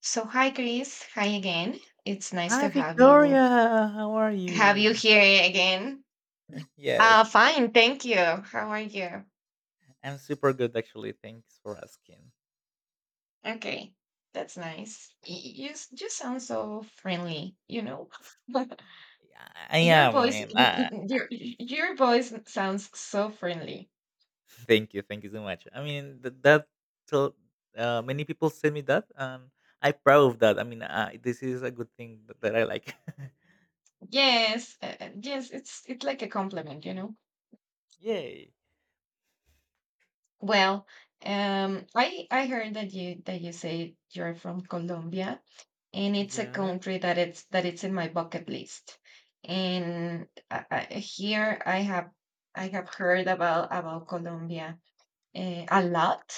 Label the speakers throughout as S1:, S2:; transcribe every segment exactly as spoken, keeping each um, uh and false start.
S1: So, hi Chris. Hi again. It's nice
S2: Hi,
S1: to have you
S2: Victoria. How are
S1: have you
S2: you?
S1: here again. Uh
S2: Yes,
S1: fine, thank you. How are you?
S2: I'm super good actually. Thanks for asking.
S1: Okay. That's nice. y- You s- you sound so friendly, you know.
S2: Yeah, I
S1: your
S2: am. I
S1: voice
S2: mean, uh,
S1: your your voice sounds so friendly.
S2: thank you, thank you so much. I mean, th- that so uh, many people send me that, and I proud of that. I mean, uh, this is a good thing that, that I like.
S1: Yes, uh, uh, yes, it's it's like a compliment, you know.
S2: Yay!
S1: Well, um I I heard that you that you say you're from Colombia, and it's a
S2: Yes,
S1: country that it's that it's in my bucket list, and I, I, here I have i have heard about about Colombia, eh, a lot,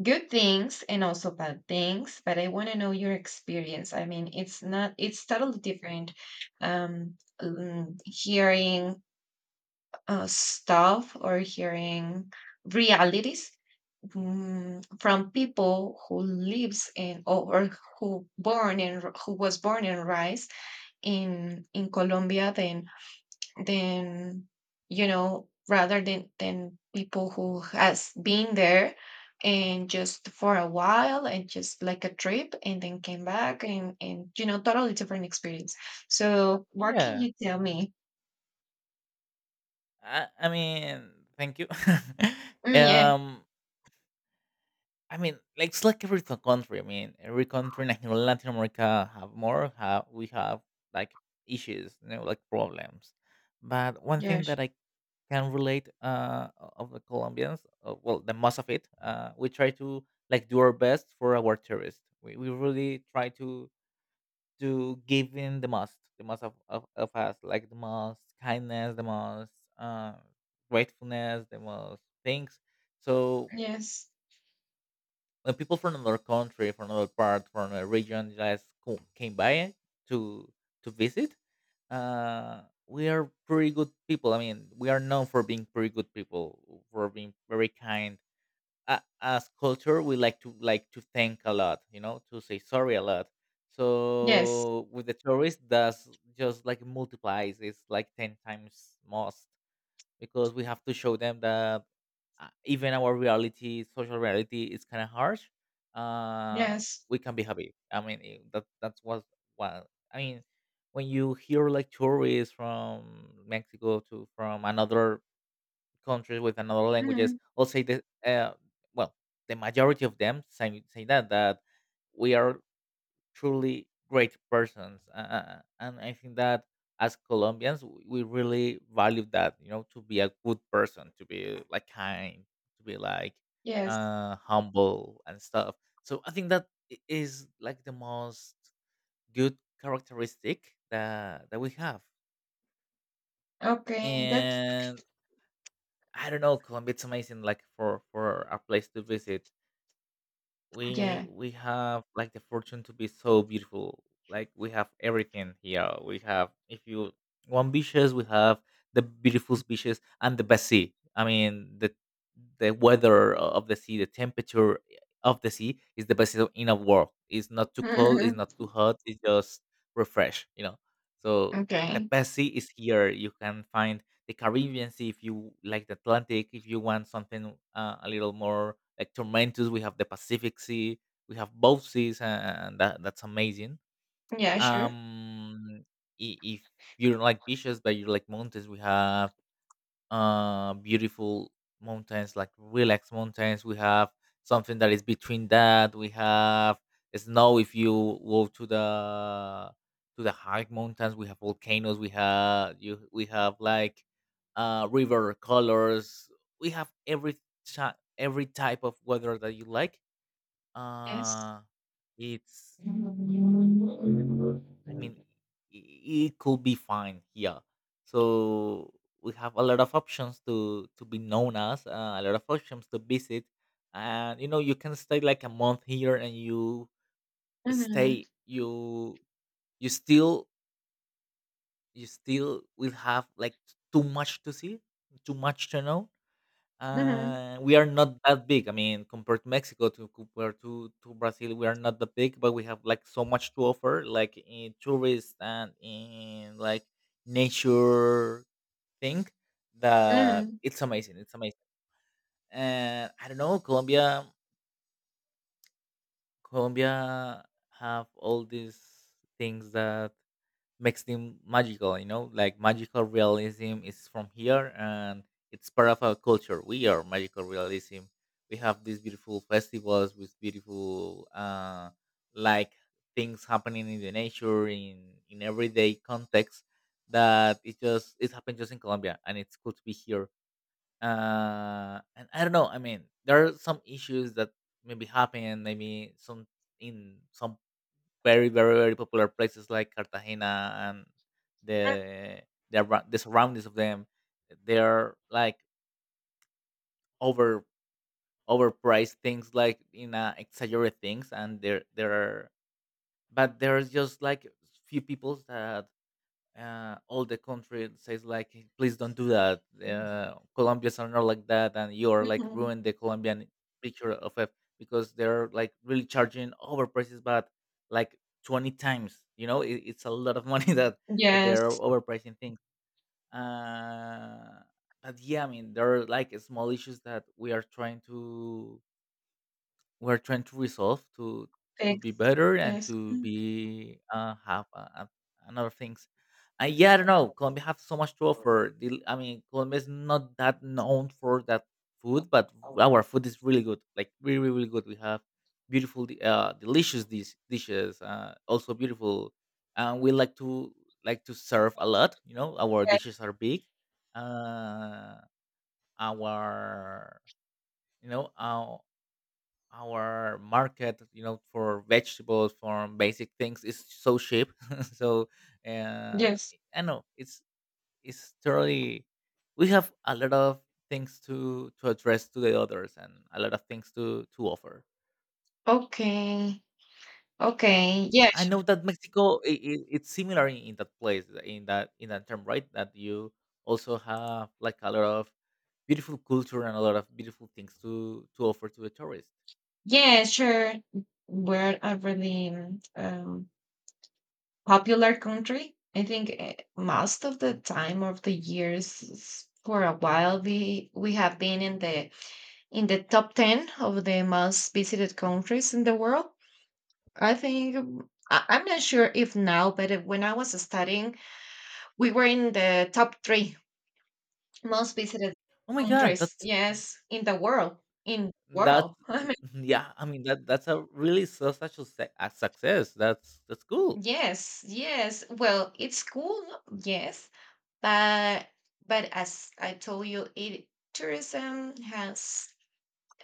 S1: good things and also bad things, but I want to know your experience. I mean, it's not, it's totally different. um mm, Hearing uh, stuff, or hearing realities, mm, from people who lives in, or, or who born and who was born and raised in in Colombia, than than you know rather than than people who has been there, and just for a while, and just like a trip, and then came back, and and you know totally different experience. So what can
S2: yeah.
S1: you tell me?
S2: I, I mean, thank you.
S1: Mm, yeah.
S2: um, I mean, like it's like every to- country. I mean, every country in Latin Latin America have more. Have we have like issues, you know, like problems. But one thing that
S1: Yes.
S2: I can relate uh, o- of the Colombians, uh, well, the most of it, uh, we try to like do our best for our tourists. We, we really try to to give in the most, the most of, of, of us, like the most kindness, the most uh, gratefulness, the most things. So
S1: Yes.
S2: when people from another country, from another part, from a region just co- came by to to visit, uh, we are pretty good people. I mean, we are known for being pretty good people, for being very kind. Uh, as culture, we like to like to thank a lot, you know, to say sorry a lot.
S1: Yes.
S2: So with the tourists, that's just like multiplies. It's like ten times most because we have to show them that uh, even our reality, social reality, is kind of harsh. Uh,
S1: Yes.
S2: we can be happy. I mean, it- that that's what what I mean. When you hear like tourists from Mexico to from another countries with another languages,
S1: Mhm.
S2: all say that uh, well, the majority of them say say that that we are truly great persons uh, uh, and I think that as Colombians w- we really value that, you know, to be a good person, to be like kind, to be like
S1: Yes.
S2: uh humble and stuff. So I think that i- is like the most good characteristic that that we have.
S1: Okay. That's
S2: And I don't know, Colombia, it's amazing like for for a place to visit. we
S1: Yeah.
S2: we have like the fortune to be so beautiful. Like we have everything here. We have, if you want beaches, we have the beautiful beaches and the best sea. I mean, the the weather o- of the sea, the temperature of the sea is the best in the world. It's not too cold, it's
S1: Mhm.
S2: not too hot, it's just refresh, you know. So the
S1: Okay.
S2: best sea is here. You can find the Caribbean Sea, if you like the Atlantic, if you want something uh, a little more like tormentous, we have the Pacific Sea, we have both seas, uh, and that, that's amazing.
S1: Yeah. Sure.
S2: Um, i- if you don't like beaches but you like mountains, we have uh beautiful mountains, like relaxed mountains. We have something that is between that. We have snow if you go to the to the high mountains. We have volcanoes, we have you we have like uh river colors. We have every ti- every type of weather that you like.
S1: Yes.
S2: Uh it's I mean, i- it could be fine here. So we have a lot of options to to be known as, uh, a lot of options to visit, and you know you can stay like a month here, and you
S1: Mhm.
S2: stay you you still you still will have like too much to see, too much to know.
S1: Mhm,
S2: Uh, we are not that big. I mean, compared to Mexico, to compared to to Brazil, we are not that big, but we have like so much to offer, like in tourists and in like nature thing. That
S1: mhm,
S2: it's amazing. It's amazing. And I don't know, Colombia. Colombia have all these things that makes them magical, you know, like magical realism is from here, and it's part of our culture. We are magical realism. We have these beautiful festivals with beautiful uh like things happening in the nature, in in everyday context, that it just it happened just in Colombia, and it's cool to be here. Uh and I don't know, I mean there are some issues that maybe happen, maybe some in some very, very, very popular places like Cartagena and the the, arou- the surroundings of them. They are like over overpriced things, like in uh, exaggerated things, and there there are, but there's just like few people that uh, all the country says like, "Hey, please don't do that,
S1: mm,
S2: uh, Colombians are not like that and you're like
S1: mhm.
S2: ruin the Colombian picture of it, because they're like really charging overprices, but like twenty times, you know, it, it's a lot of money" that that they're
S1: Yes,
S2: overpricing things. uh but yeah, I mean there are like small issues that we are trying to we're trying to resolve, to to be
S1: fixed.
S2: better and
S1: Yes.
S2: to
S1: Mm.
S2: be uh, have uh, uh, another things. And yeah, I don't know. Colombia have so much to offer. The- I mean, Colombia is not that known for that food, but our food is really good. Like really, really, really good. We have beautiful, di- uh, delicious dis- dishes. Uh, also beautiful, and we like to like to serve a lot. You know, our
S1: Yes,
S2: dishes are big. Uh, our you know our our market, you know, for vegetables, for basic things, is so cheap. so uh,
S1: yes.
S2: I know it's it's totally we have a lot of things to to address to the others, and a lot of things to to offer.
S1: Okay, okay. Yeah,
S2: I
S1: sh
S2: know that Mexico, I I it's similar in, in that place, in that, in that term, right, that you also have like a lot of beautiful culture and a lot of beautiful things to to offer to the tourists.
S1: yeah, sure. We're a really mm, um, popular country. I think, eh, most of the time of the years, s- for a while, we we have been in the in the top ten of the most visited countries in the world. I think, um, I, I'm not sure if now, but if- when I was studying, we were in the top three most visited
S2: Oh my god,
S1: countries,
S2: that's
S1: yes, in the world. In the
S2: That's
S1: world.
S2: yeah, I mean that that's a really so such a se- a success. That's that's cool.
S1: Yes, yes. Well, it's cool, yes, but but as I told you, it tourism has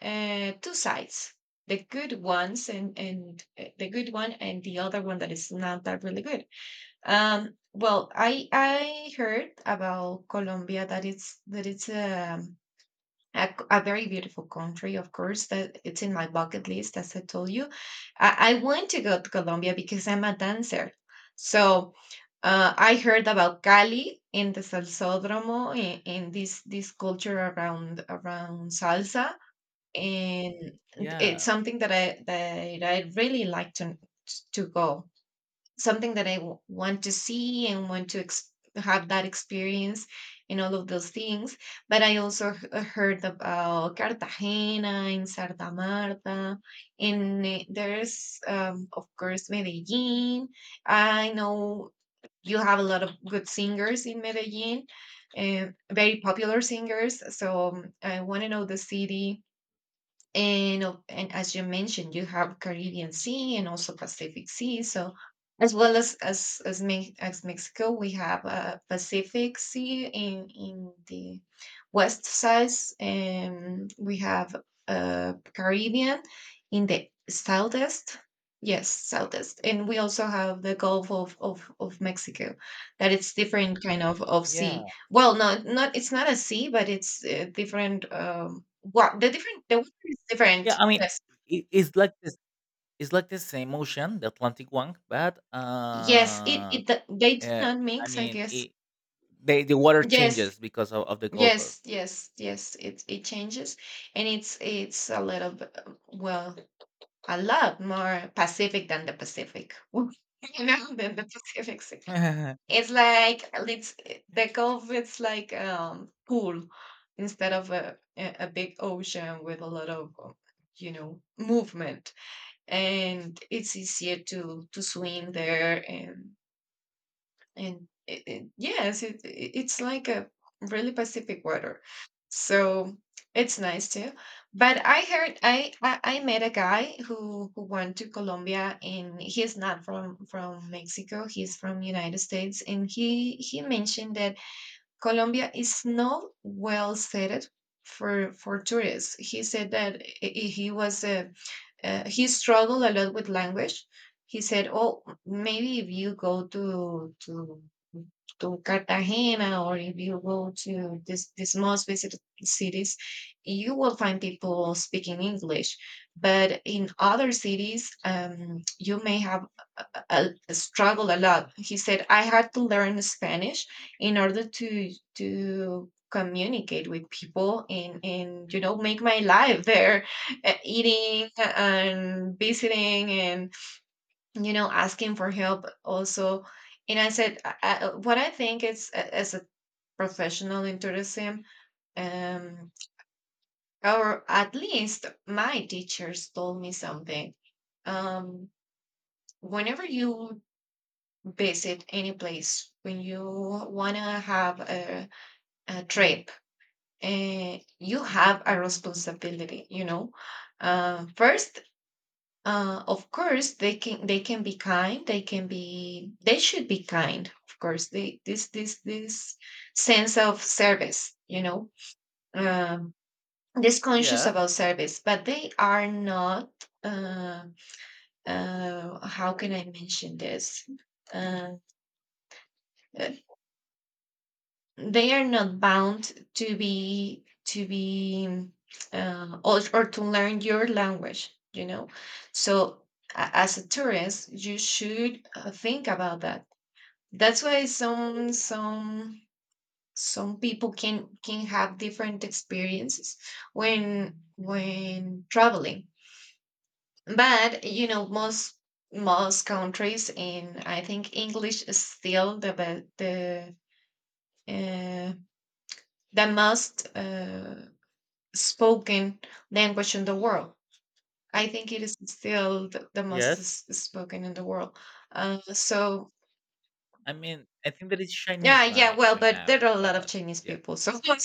S1: uh, two sides: the good ones, and and uh, the good one, and the other one that is not that really good. Um, well, I I heard about Colombia that it's that it's a a, c- a very beautiful country, of course, that it's in my bucket list, as I told you. I, I want to go to Colombia because I'm a dancer. So, uh, I heard about Cali, in the Salsódromo, in, in this this culture around around salsa, and it's
S2: Yeah.
S1: something that I that I really like to to go, something that I w- want to see, and want to ex- have that experience and all of those things. But I also h- uh, heard about Cartagena and Santa Marta, and eh, there's, um, of course, Medellin. I know you have a lot of good singers in Medellin, and very popular singers. So, um, I want to know the city. And of- and as you mentioned, you have Caribbean Sea and also Pacific Sea. So, as well as as as, Me- as Mexico, we have uh, Pacific Sea in in the west side, and we have uh, Caribbean in the southeast. Yes, southeast. And we also have the Gulf of of, of Mexico, that it's different kind of of sea.
S2: Yeah.
S1: Well, no, not it's not a sea, but it's uh, different. Um, what the different The water is
S2: Yeah,
S1: different.
S2: I mean,
S1: Yes,
S2: it, it's like this, it's like the same ocean, the Atlantic one, but
S1: yes. It
S2: uh,
S1: it th- they did
S2: uh
S1: not
S2: I
S1: mix, I
S2: mean
S1: guess.
S2: it the, the water
S1: Yes,
S2: changes because of, of the Gulf. Of-
S1: yes, yes, yes. It it changes, and it's it's a little b- well, a lot more Pacific than the Pacific. You know, than the Pacific Sea. It's like let's The Gulf is like um pool, instead of a a a big ocean with a lot of um, you know movement, and it's easier to to swim there, and and it, it, yes, it, it- it's like a really Pacific water. So it's nice too. But I heard, I I, I met a guy who who went to Colombia, and he's not from from Mexico, he's from United States, and he he mentioned that Colombia is not well settled for for tourists. He said that i- i- he was a uh, he struggled a lot with language. He said, "Oh, maybe if you go to to to Cartagena, or if you go to this these most visited cities, you will find people speaking English. But in other cities, um, you may have uh, struggled a lot." He said, "I had to learn Spanish in order to to communicate with people, and and you know make my life there, uh, eating and visiting, and you know asking for help also." And I said, I, I, what I think is, uh, as a professional in tourism, um, or at least my teachers told me something. Um, Whenever you visit any place, when you want to have a, a trip, uh, you have a responsibility. You know, uh, first, uh, of course, they can, they can be kind. They can be they should be kind. Of course, they this this this sense of service. You know, um, this conscious
S2: yeah.
S1: about service, but they are not. Uh, uh, how can I mention this? Uh, uh, they are not bound to be to be uh, or, or to learn your language, you know so, a- as a tourist, you should, uh, think about that. That's why some some some people can can have different experiences when when traveling. But you know most most countries, and I think English is still the be- the uh, the most uh, spoken language in the world. I think it is still the, the most
S2: Yes.
S1: s- spoken in the world. Uh, so,
S2: I mean I think that it's
S1: yeah,
S2: Chinese
S1: yeah.
S2: right
S1: Well,
S2: right
S1: but there
S2: now,
S1: are a lot of
S2: but
S1: Chinese
S2: yeah.
S1: people, so but,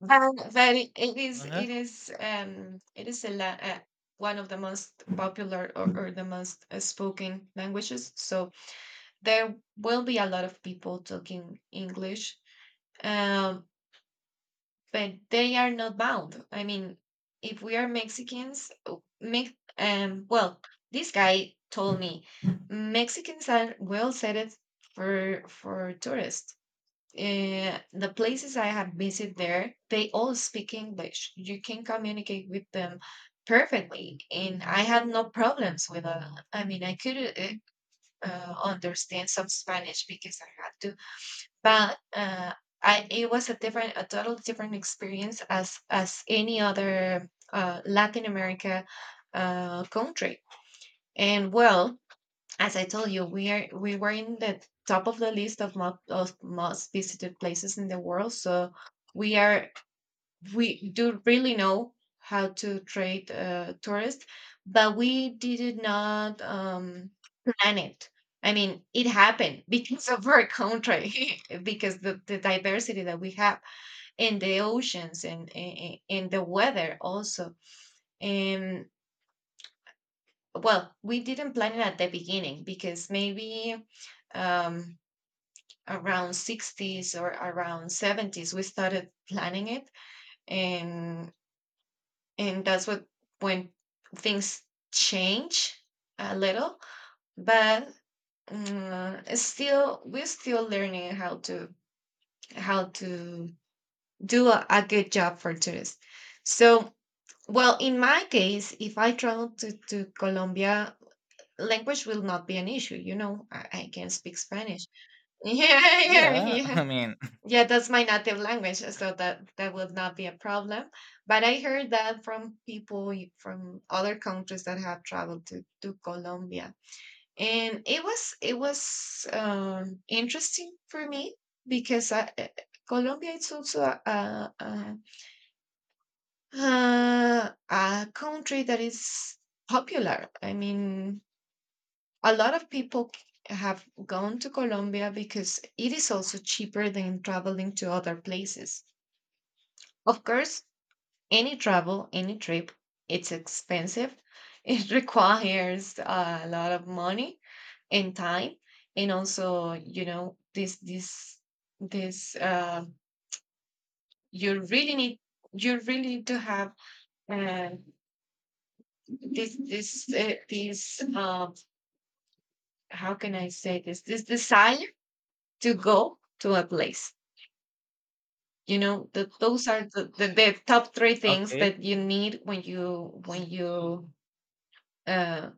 S1: but it, it is
S2: Uh-huh.
S1: it is um it is a la- uh, one of the most popular, or, or the most uh, spoken languages. So there will be a lot of people talking English. Um, but they are not bound. I mean, if we are Mexicans, oh, Mex- um, well, this guy told me Mexicans are well set for for tourists. Uh, the places I have visited there, they all speak English. You can communicate with them perfectly, and I had no problems with. Uh, I mean, I could, uh, uh, understand some Spanish because I had to, but uh, I, it was a different, a total different experience as as any other uh, Latin America uh, country. And well, as I told you, we are we were in the top of the list of most, of most visited places in the world. So, we are we do really know how to treat uh, tourists, but we did not um, plan it. I mean, it happened because of our country, because the, the diversity that we have in the oceans, and in, in the weather also. And well, we didn't plan it at the beginning, because maybe um, around sixties or around seventies we started planning it, and and that's what, when things change a little, but mm, it's still we're still learning how to how to do a, a good job for tourists. So, well, in my case, if I travel to, to Colombia, language will not be an issue. you know i, I can speak Spanish. Yeah, yeah,
S2: Yeah.
S1: yeah.
S2: I mean
S1: Yeah, that's my native language, so that that would not be a problem. But I heard that from people, y- from other countries that have traveled to to Colombia, and it was, it was um, interesting for me, because I, eh, Colombia is also a, a, a, uh, a country that is popular. I mean, a lot of people c- have gone to Colombia because it is also cheaper than traveling to other places. Of course, any travel, any trip, it's expensive. It requires a lot of money and time. And also, you know, this this this uh, you really need you really need to have, uh, this this uh, this um, how can I say, this this desire to go to a place. You know that those are the, the, the top three things
S2: okay.
S1: that you need when you, when you um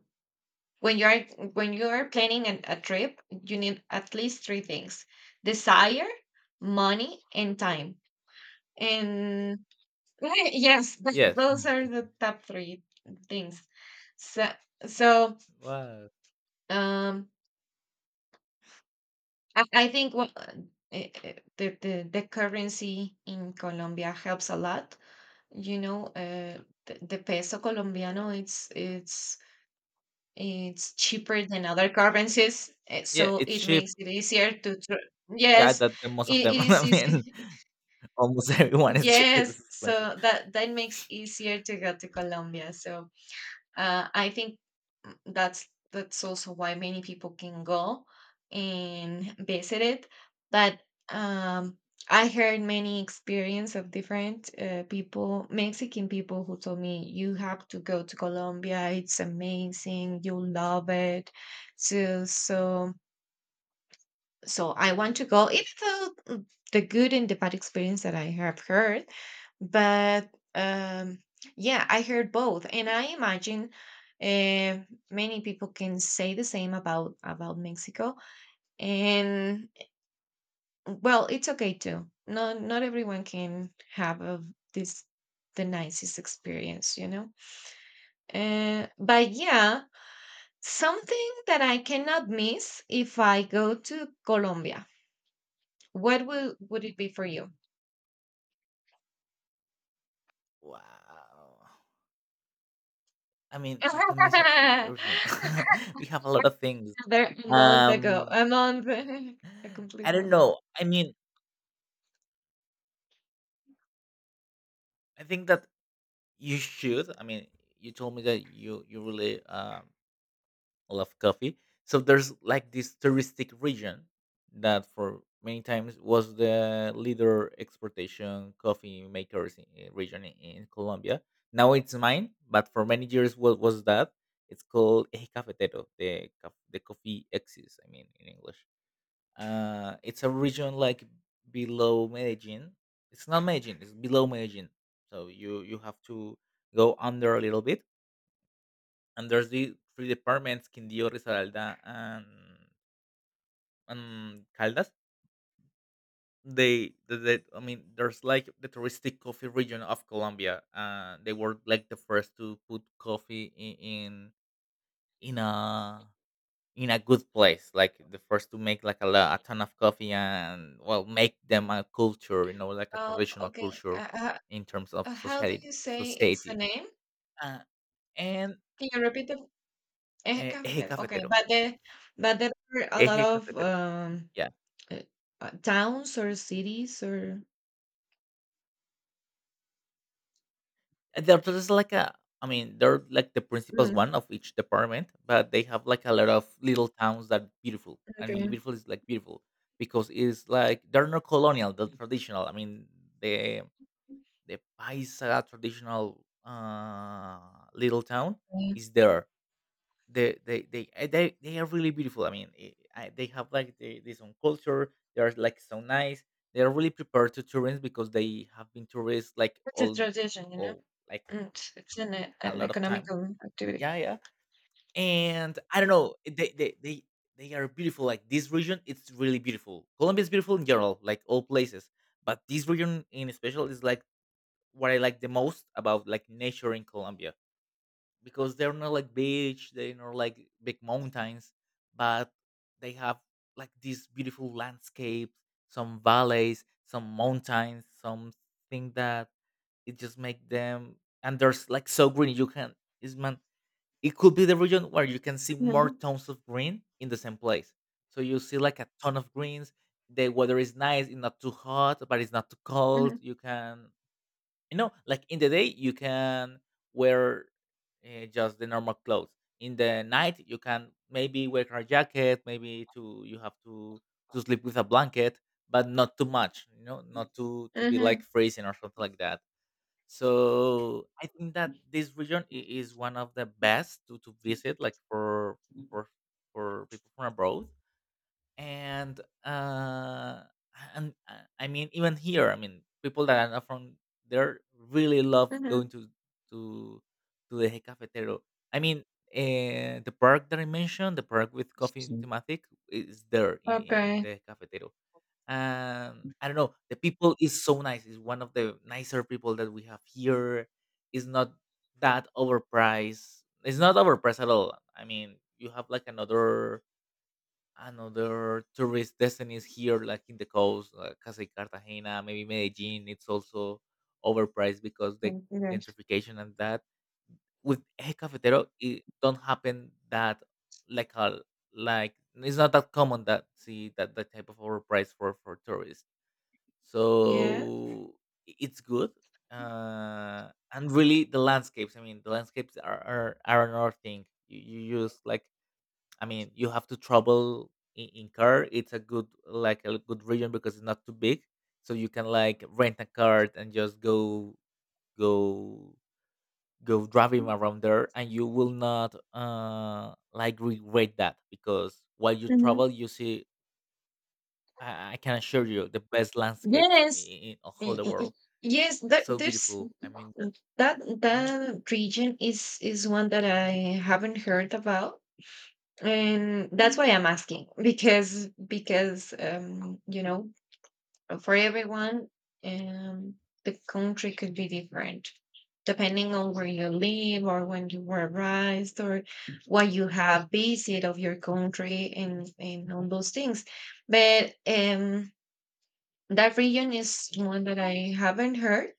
S1: when you're when you're planning an, a trip. You need at least three things: desire, money, and time. And yes, th-
S2: Yes.
S1: those are the top three things. So, so
S2: Wow.
S1: um i, I think what uh, eh, eh, the, the the currency in Colombia helps a lot. You know, uh, the, the peso colombiano. It's it's It's cheaper than other currencies, eh,
S2: Yeah,
S1: so
S2: it's
S1: it
S2: cheap.
S1: makes it easier to tr-
S2: Yeah,
S1: Yes,
S2: that the most of
S1: it,
S2: them.
S1: it is
S2: I mean,
S1: easy.
S2: almost everyone is
S1: Yes,
S2: is expensive.
S1: so that that makes easier to go to Colombia. So, uh, I think, mm, that's that's also why many people can go and visit it. But, um, I heard many experience of different uh, people, Mexican people, who told me, "You have to go to Colombia. It's amazing. You'll love it." So so so I want to go, even though mm, the good and the bad experience that I have heard, but um, yeah, I heard both, and I imagine uh, many people can say the same about about Mexico. And well, it's okay too. Not not everyone can have a, this the nicest experience, you know. Uh, but yeah, something that I cannot miss if I go to Colombia. What would would it be for you?
S2: Wow. I mean, you can miss it- everything. We have a lot of things.
S1: There are a month ago.
S2: Um,
S1: A month. A
S2: I
S1: complete
S2: don't
S1: month.
S2: know. I mean, I think that you should. I mean, you told me that you you really um love coffee. So there's like this touristic region that for many times was the leader exportation coffee makers in, region in, in Colombia. Now it's mine, but for many years what was that? It's called Eje Cafetero, the caf- the coffee axis. I mean in English. Uh, it's a region like below Medellin. It's not Medellin. It's below Medellin. So you you have to go under a little bit, and there's the three departments, Quindío, Risaralda, and and Caldas. They, they, they- I mean, there's like the touristic coffee region of Colombia. Uh, they were like the first to put coffee in in, in a in a good place, like the first to make like a, lo- a ton of coffee, and well, make them a culture, you know, like a
S1: Oh,
S2: traditional
S1: okay.
S2: culture
S1: Uh, uh,
S2: in terms of
S1: uh, how do
S2: society.
S1: you say it's the
S2: Society,
S1: name?
S2: uh, and
S1: Can you repeat the Eje
S2: uh, eje
S1: Cafetero? Okay,
S2: cafetero,
S1: but there, but there are a lot
S2: eje
S1: of
S2: cafetero,
S1: um
S2: yeah.
S1: uh, uh, towns or cities or
S2: Uh, they're just like a, I mean, they're like the principals
S1: Mm,
S2: one of each department, but they have like a lot of little towns that beautiful. I mean,
S1: okay.
S2: beautiful is like beautiful because it's like they're not colonial, they're traditional. I mean, the the Paisa traditional uh, little town
S1: Okay.
S2: is there. They they they uh, they, they are really beautiful. I mean, eh, I, they have like the, their own culture. They are like so nice. They are really prepared to tourists because they have been tourists like
S1: It's a
S2: all
S1: tradition, you know.
S2: all like
S1: Mm, It's, it's an e-
S2: a
S1: an
S2: lot of time.
S1: economical activity.
S2: Yeah, yeah. And I don't know, they they they they are beautiful. Like this region, it's really beautiful. Colombia is beautiful in general, like all places, but this region in special is like what I like the most about like nature in Colombia, because they're not like beach, they're not like big mountains, but they have like these beautiful landscapes, some valleys, some mountains, something that it just make them, and there's like so green you can it's man, it could be the region where you can see more
S1: Mm-hmm.
S2: tones of green in the same place. So you see like a ton of greens. The weather is nice. It's not too hot, but it's not too
S1: Mm-hmm.
S2: cold. You can, you know, like in the day you can wear uh, just the normal clothes. In the night you can maybe wear a jacket. Maybe to You have to to sleep with a blanket, but not too much. You know, not to to be like freezing or something like that, so I think that this region i- is one of the best to, to visit, like for for for people from abroad. And uh, and uh, I mean, even here, I mean, people that are not from there really love going
S1: Mm-hmm.
S2: to to to the Eje Cafetero. I mean, uh, the park that I mentioned, the park with coffee thematic, is there in, in
S1: Okay.
S2: the Eje Cafetero. um I don't know, the people is so nice, is one of the nicer people that we have here. Is not that overpriced. It's not overpriced at all. I mean, you have like another another tourist destinies here, like in the coast, like Casa y Cartagena, maybe Medellin. It's also overpriced because the
S1: Thank you, guys.
S2: gentrification and that. With El Cafetero it don't happen that, like a like it's not that common that see that that type of overpriced for for tourists.
S1: Yeah.
S2: So i- it's good. Uh and really, the landscapes, I mean, the landscapes are are, are another thing, you, you use like, I mean, you have to travel in, in car. It's a good, like a good region because it's not too big, so you can like rent a car and just go go go driving around there, and you will not uh like regret that, because while you travel, you see, i, I can assure you, the best landscapes in,
S1: Yes.
S2: in all
S1: Y-
S2: the
S1: y- y-
S2: world.
S1: Yes,
S2: It's
S1: that
S2: so
S1: there's
S2: beautiful. I mean, that.
S1: that
S2: Uh-huh.
S1: that region is is one that I haven't heard about, and that's why I'm asking because because um you know for everyone um the country could be different depending on where you live or when you were raised or what you have visit of your country and and all those things, but um that region is one that I haven't heard.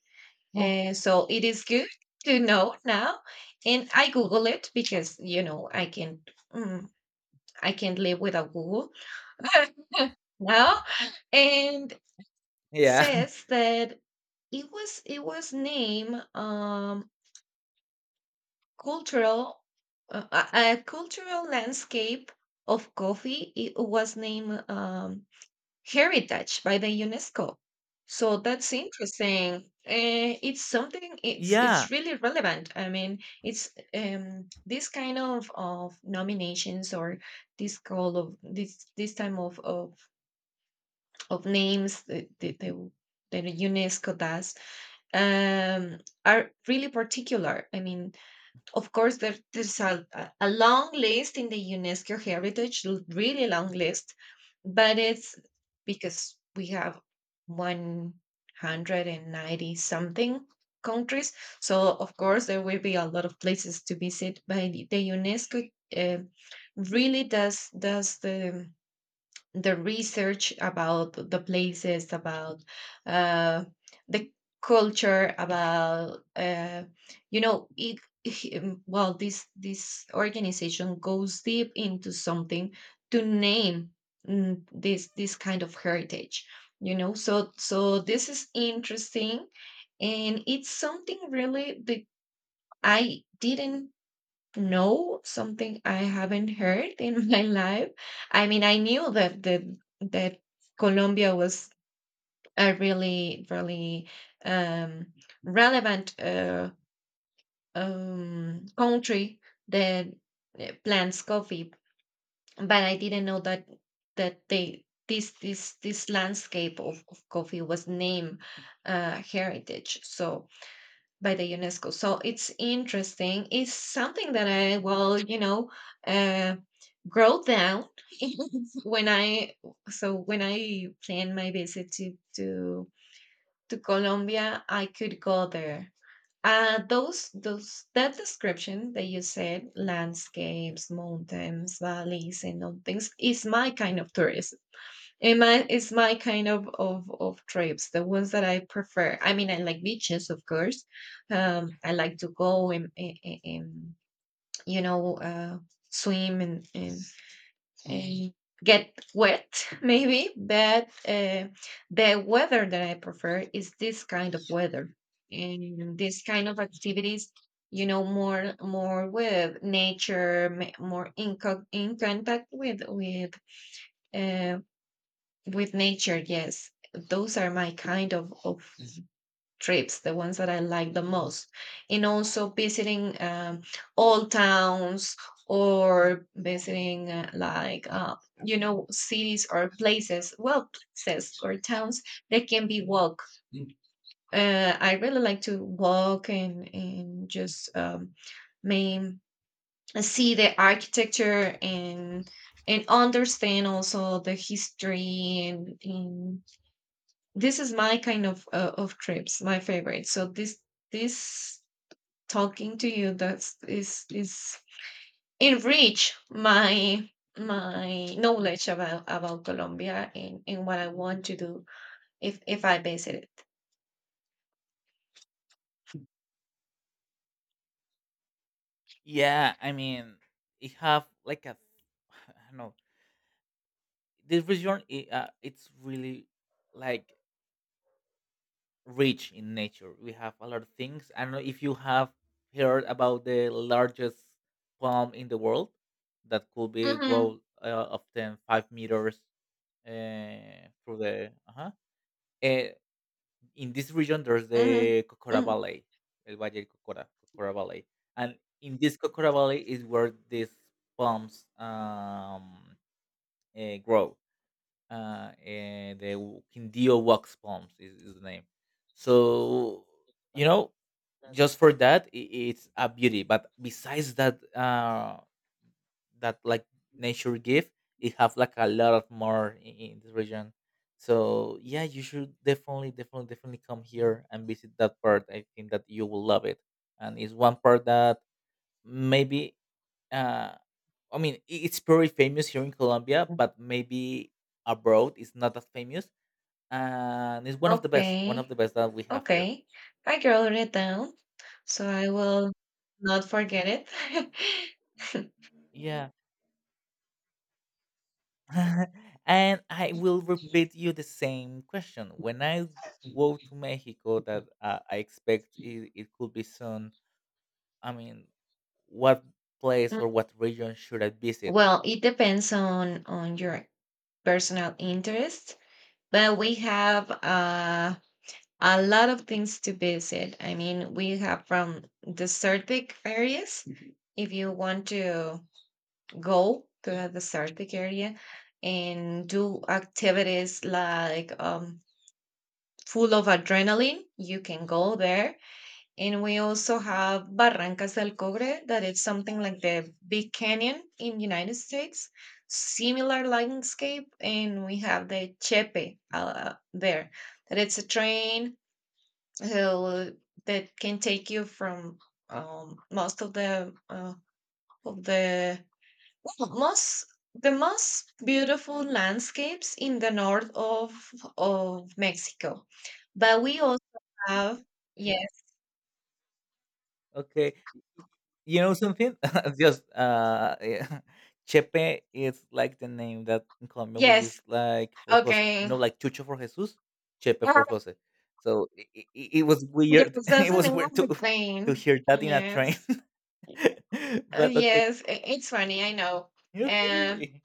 S1: Oh, Uh, so it is good to know now. And I Google it because you know I can mm, I can't live without Google now. And
S2: Yeah.
S1: says that it was it was named um cultural uh, a a cultural landscape of coffee. It was named um, heritage by the UNESCO. So that's interesting. Uh, it's something. It's
S2: Yeah,
S1: it's really relevant. I mean, it's um this kind of of nominations or this call of this this time of of of names that the the, the UNESCO does um are really particular. I mean, of course, there, there's a, a a long list in the UNESCO Heritage, l- really long list, but it's because we have one hundred ninety something countries. So, of course, there will be a lot of places to visit, but the the UNESCO uh, really does, does the the research about the places, about uh, the culture, about uh, you know it. Well, this this organization goes deep into something to name mm, this this kind of heritage. You know, so so this is interesting, and it's something really that I didn't no, something I haven't heard in my life. I mean, I knew that the that Colombia was a really, really um, relevant uh, um, country that uh, plants coffee, but I didn't know that that they this this this landscape of, of coffee was named uh, heritage So by the UNESCO. So it's interesting. It's something that I will, you know. uh. Wrote down when I so when I planned my visit to to to Colombia, I could go there. Uh, those those that description that you said, landscapes, mountains, valleys, and all things, is my kind of tourism. And my is my kind of of of trips, the ones that I prefer. I mean, I like beaches, of course. Um, I like to go and and, and you know uh, swim and and uh, get wet maybe but uh, the weather that I prefer is this kind of weather and this kind of activities you know more more with nature ma- more in, co- in contact with with uh, with nature. Yes, those are my kind of of trips, the ones that I like the most, and also visiting um, old towns or visiting uh, like uh, you know cities or places, well, places or towns that can be walk. Uh, I really like to walk and and just um, main see the architecture and and understand also the history, and, and this is my kind of uh, of trips, my favorite. So this this talking to you, that's is is enrich my my knowledge about about Colombia and and what I want to do if if I visit it.
S2: yeah. I mean, it have like a, I don't know. This region, it, uh, it's really like rich in nature. We have a lot of things. I don't know if you have heard about the largest palm in the world that could be
S1: Mm-hmm,
S2: grow uh, up to five meters uh, through the. Uh-huh. eh, in this region there's
S1: mm-hmm,
S2: the Cocora
S1: mm-hmm.
S2: Valley, El Valle de Cocora, Cocora Valley, and in this Cocora Valley is where these palms um, eh, grow. Uh, eh, the w- Quindio wax palms is, is the name. So, you know, just for that, I it's a beauty. But besides that, uh, that like nature give, it have like a lot of more in, in this region. So yeah, you should definitely definitely definitely come here and visit that part. I think that you will love it, and it's one part that maybe uh I mean, i- it's pretty famous here in Colombia, but maybe abroad it's not that famous, and it's one of the best, one of
S1: Okay,
S2: the best that we have here.
S1: okay. I can wrote it down so I will not forget it.
S2: Yeah. And I will repeat you the same question. When I go to Mexico, that uh, I expect it, it, could be soon. I mean, what place
S1: Mm,
S2: or what region should I visit?
S1: well, it depends on on your personal interest. But we have uh, a lot of things to visit. I mean, we have from desertic areas, mhm, if you want to go to a desertic area and do activities like um, full of adrenaline, you can go there. And we also have Barrancas del Cobre, that is something like the Big Canyon in United States, similar landscape. And we have the Chepe uh, there, that it's a train uh, that can take you from um, most of the uh, of the well, most the most beautiful landscapes in the north of of Mexico. But we also have. Yes,
S2: Okay, you know something? Just uh, yeah. Chepe is like the name that in Colombian we use
S1: yes,
S2: like for Jose. You
S1: okay.
S2: know, like Chucho for Jesus, Chepe for Jose. So it, it, it was
S1: Yes,
S2: weird. It
S1: doesn't
S2: was weird to to
S1: everything.
S2: hear that in a train.
S1: Yes. Uh,
S2: But okay,
S1: yes, i- it's funny, I know. Uh,
S2: okay.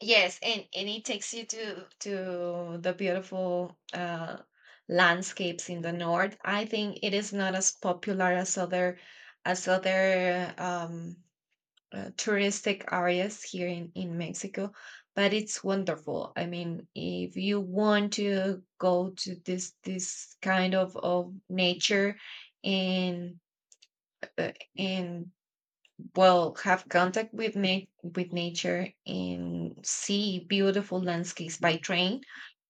S1: yes, and, and it takes you to to the beautiful uh landscapes in the north. I think it is not as popular as other as other um uh, touristic areas here in in Mexico, but it's wonderful. I mean, if you want to go to this this kind of of nature and uh, and well have contact with na- with nature and see beautiful landscapes by train,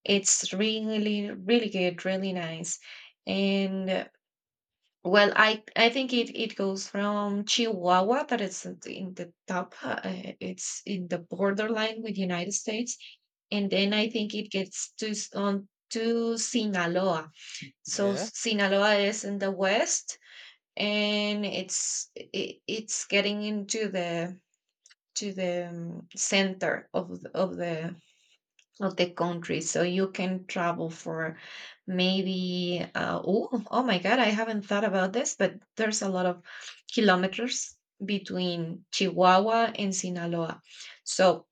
S1: it's really really good, really nice. And uh, well, i i think it it goes from Chihuahua, that is in the in the top uh, It's in the borderline with United States, and then I think it gets to s- on to Sinaloa. So
S2: Yeah.
S1: Sinaloa is in the west, and it's it, it's getting into the to the um, center of the, of the of the country. So you can travel for maybe uh, oh, oh my god, I haven't thought about this, but there's a lot of kilometers between Chihuahua and Sinaloa. So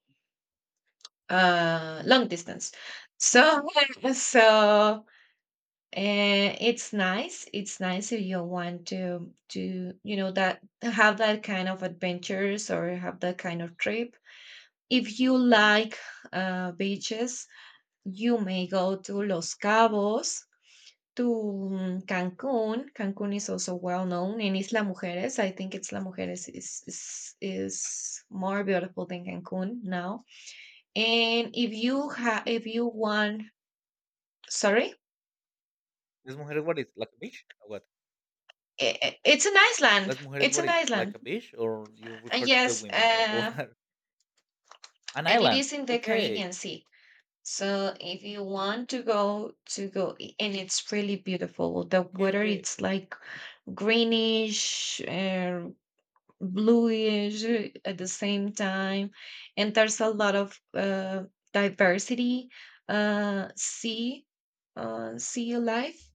S1: uh long distance. So so and it's nice. It's nice if you want to to you know that have that kind of adventures or have that kind of trip. If you like uh, beaches, you may go to Los Cabos, to mm, Cancun. Cancun is also well known, and Isla Mujeres. I think Isla Mujeres is is is more beautiful than Cancun now. And if you ha if you want, sorry,
S2: Las Mujeres, what is like a beach or what?
S1: I- I- it's an island.
S2: Las Mujeres,
S1: It's
S2: what
S1: an
S2: is like a
S1: island.
S2: beach, or you
S1: Uh,
S2: refer to the
S1: Yes,
S2: women or or
S1: uh,
S2: an
S1: and it
S2: island.
S1: is in the
S2: Okay.
S1: Caribbean Sea. So if you want to go to go, i- and it's really beautiful. The
S2: Okay.
S1: water
S2: Okay.
S1: it's like greenish, uh, bluish uh, at the same time, and there's a lot of uh, diversity, uh, sea, uh, sea life.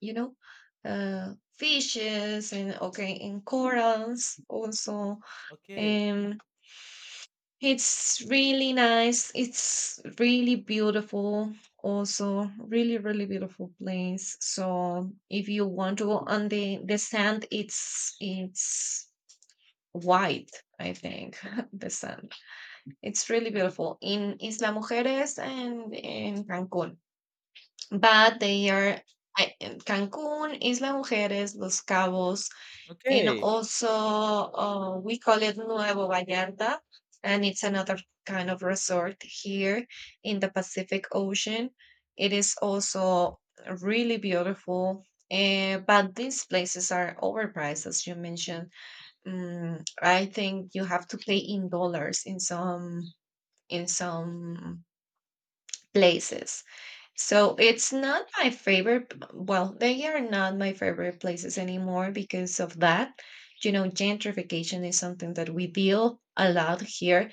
S1: You know, uh, fishes and okay, and corals also.
S2: Okay.
S1: It's really nice. It's really beautiful, also really, really beautiful place. So if you want to go on the the sand, it's it's white, I think, the sand. It's really beautiful in Isla Mujeres and in Cancun. But they are I- in Cancun, Isla Mujeres, Los Cabos, and
S2: Okay.
S1: also uh, we call it Nuevo Vallarta, and it's another kind of resort here in the Pacific Ocean. It is also really beautiful, eh, but these places are overpriced, as you mentioned. Mm, I think you have to pay in dollars in some in some places. So it's not my favorite. b- Well, they are not my favorite places anymore because of that. You know, gentrification is something that we deal a lot here.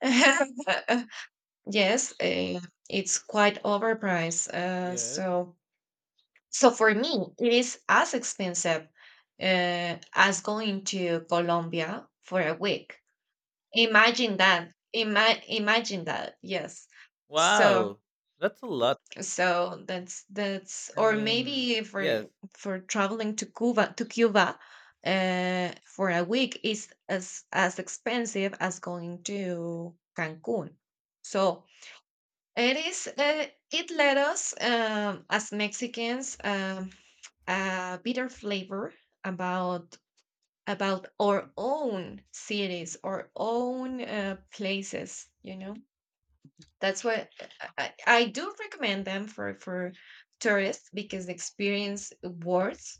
S1: Yes, uh, it's quite overpriced. Uh,
S2: Yes.
S1: so, so for me, it is as expensive uh, as going to Colombia for a week. Imagine that. Ima- imagine that. Yes. So
S2: Wow. That's a lot.
S1: so that's that's
S2: I
S1: or
S2: mean,
S1: maybe for
S2: yes.
S1: for traveling to cuba to cuba uh, for a week is as as expensive as going to Cancun. So it is uh, it led us, um, as Mexicans, um, a bitter flavor about about our own cities, our own uh, places you know That's what I, I do recommend them for for tourists because the experience worth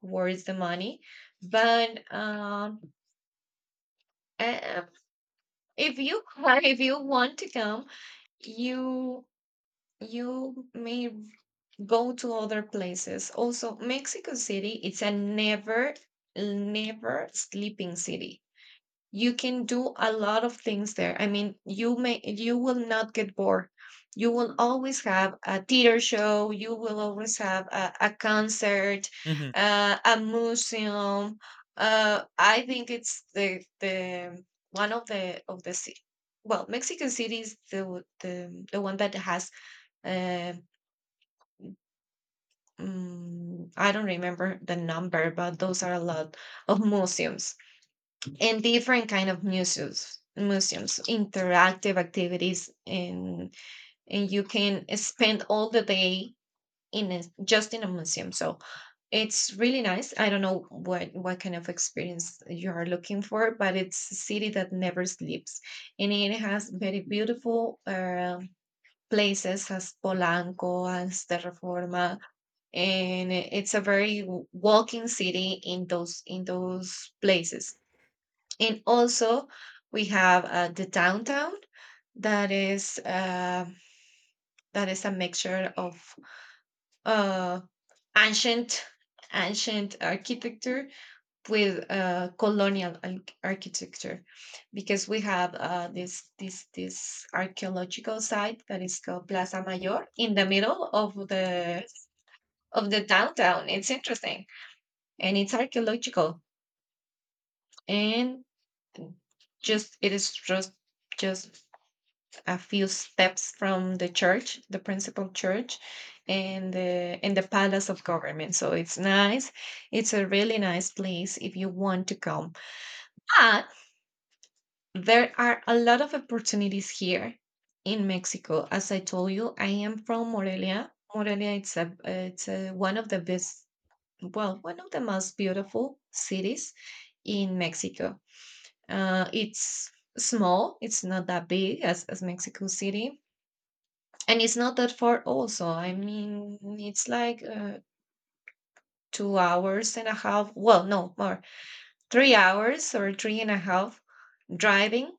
S1: worth the money. But um, uh, if you if you want to come, you you may go to other places. Also, Mexico City it's a never never sleeping city. You can do a lot of things there. I mean you may, you will not get bored. You will always have a theater show, you will always have a, a concert,
S2: Mhm.
S1: uh, a museum. Uh, I think it's the the one of the of the ci- well, Mexican City is the the, the one that has uh, mm, I don't remember the number, but those are a lot of museums. And different kind of museums, museums, interactive activities, and and you can spend all the day in a, just in a museum. So it's really nice. I don't know what what kind of experience you are looking for, but it's a city that never sleeps. And it has very beautiful uh, places, as Polanco, as Terraforma. And it's a very w- walking city in those in those places. And also we have uh, the downtown, that is uh, that is a mixture of uh, ancient, ancient architecture with uh, colonial arch- architecture, because we have uh, this this this archaeological site that is called Plaza Mayor in the middle of the of the downtown. It's interesting, and it's archaeological. And just it is just just a few steps from the church, the principal church, and the and the palace of government. So it's nice. It's a really nice place if you want to come. But there are a lot of opportunities here in Mexico. As I told you, I am from Morelia. Morelia it's a it's a, one of the best, well, one of the most beautiful cities in Mexico. Uh, it's small. It's not that big as as Mexico City. And it's not that far, also. I mean, it's like uh, two hours and a half. Well, no, more. Three hours or three and a half, driving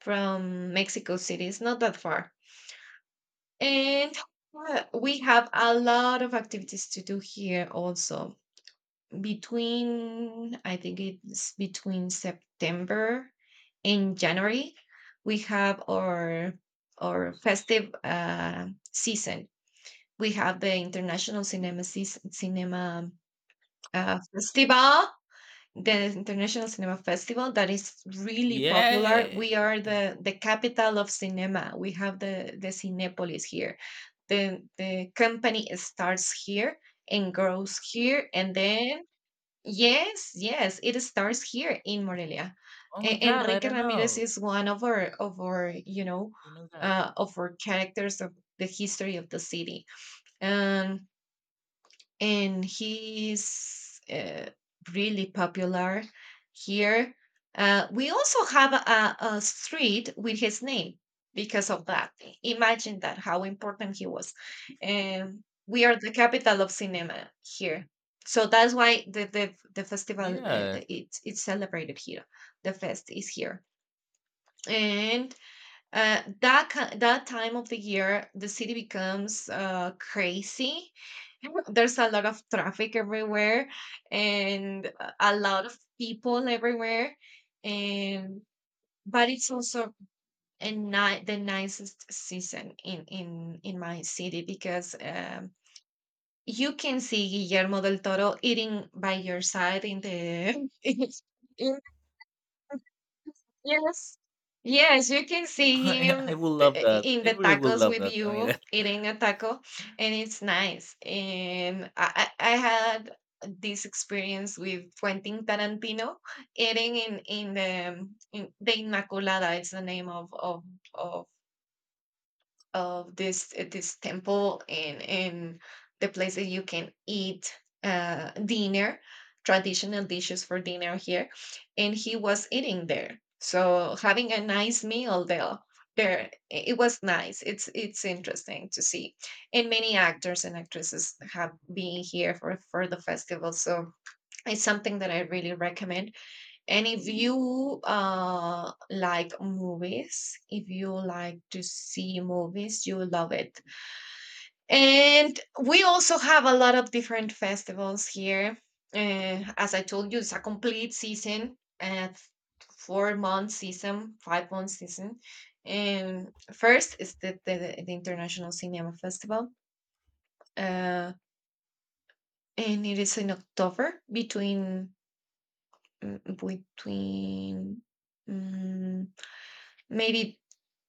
S1: from Mexico City. It's not that far. And uh, we have a lot of activities to do here also. Between, I think it's between September and January, we have our our festive uh, season. We have the International Cinema Seas- Cinema uh, Festival, the International Cinema Festival, that is really popular. We
S2: Yay.
S1: are the the capital of cinema. We have the the Cinepolis here. The the company starts here and grows here, and then yes, yes, it starts here in Morelia.
S2: Oh my
S1: E-
S2: God. I
S1: Enrique
S2: don't
S1: Ramirez
S2: know.
S1: is one of our of our you know
S2: Do you know that?
S1: uh, of our characters of the history of the city. Um, and he's uh, really popular here. Uh, we also have a, a street with his name because of that. Imagine that, how important he was. Um, we are the capital of cinema here, so that's why the the, the festival uh,
S2: Yeah.
S1: it's it's celebrated here. The fest is here, and uh, that ki that time of the year, the city becomes uh, crazy. There's a lot of traffic everywhere, and a a lot of people everywhere. And but it's also a ni the nicest season in in in my city, because um, you can see Guillermo del Toro eating by your side in the in. Yes. Yes, you can see
S2: I, I
S1: him
S2: will
S1: th-
S2: love
S1: i-
S2: that.
S1: in
S2: I
S1: the
S2: really will
S1: tacos
S2: love
S1: with
S2: that. I mean,
S1: you, eating a taco, and it's nice. And I, I I had this experience with Quentin Tarantino eating in in the um, in the Inmaculada. It's the name of of of of this uh, this temple, and and the place that you can eat uh, dinner, traditional dishes for dinner here, and he was eating there. So having a nice meal there, there i- it was nice. It's it's interesting to see, and many actors and actresses have been here for for the festival. So it's something that I really recommend, and if you uh, like movies, if you like to see movies, you will love it. And we also have a lot of different festivals here. Uh, as I told you, it's a complete season, uh, four month season, five month season. And first is the, the, the International Cinema Festival, uh, and it is in October between mm, between mm, maybe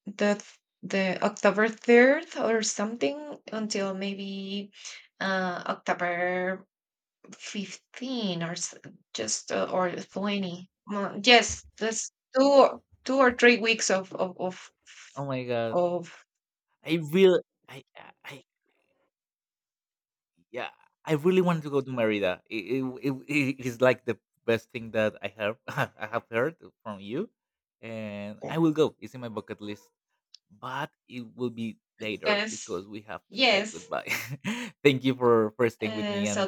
S1: the the October third or something, until maybe uh October fifteenth or s- just uh, or twenty. Mm, Yes, that's two or, two or three weeks of of of,
S2: oh my God.
S1: of.
S2: I really. I, I Yeah, I really wanted to go to Merida. It, it, it, it is like the best thing that I have I have heard from you, and I
S1: Oh,
S2: will go. It's in my bucket list, but it will be later
S1: yes.
S2: because we have to say
S1: Yes.
S2: goodbye. Thank you for for staying with
S1: Uh,
S2: me
S1: so
S2: and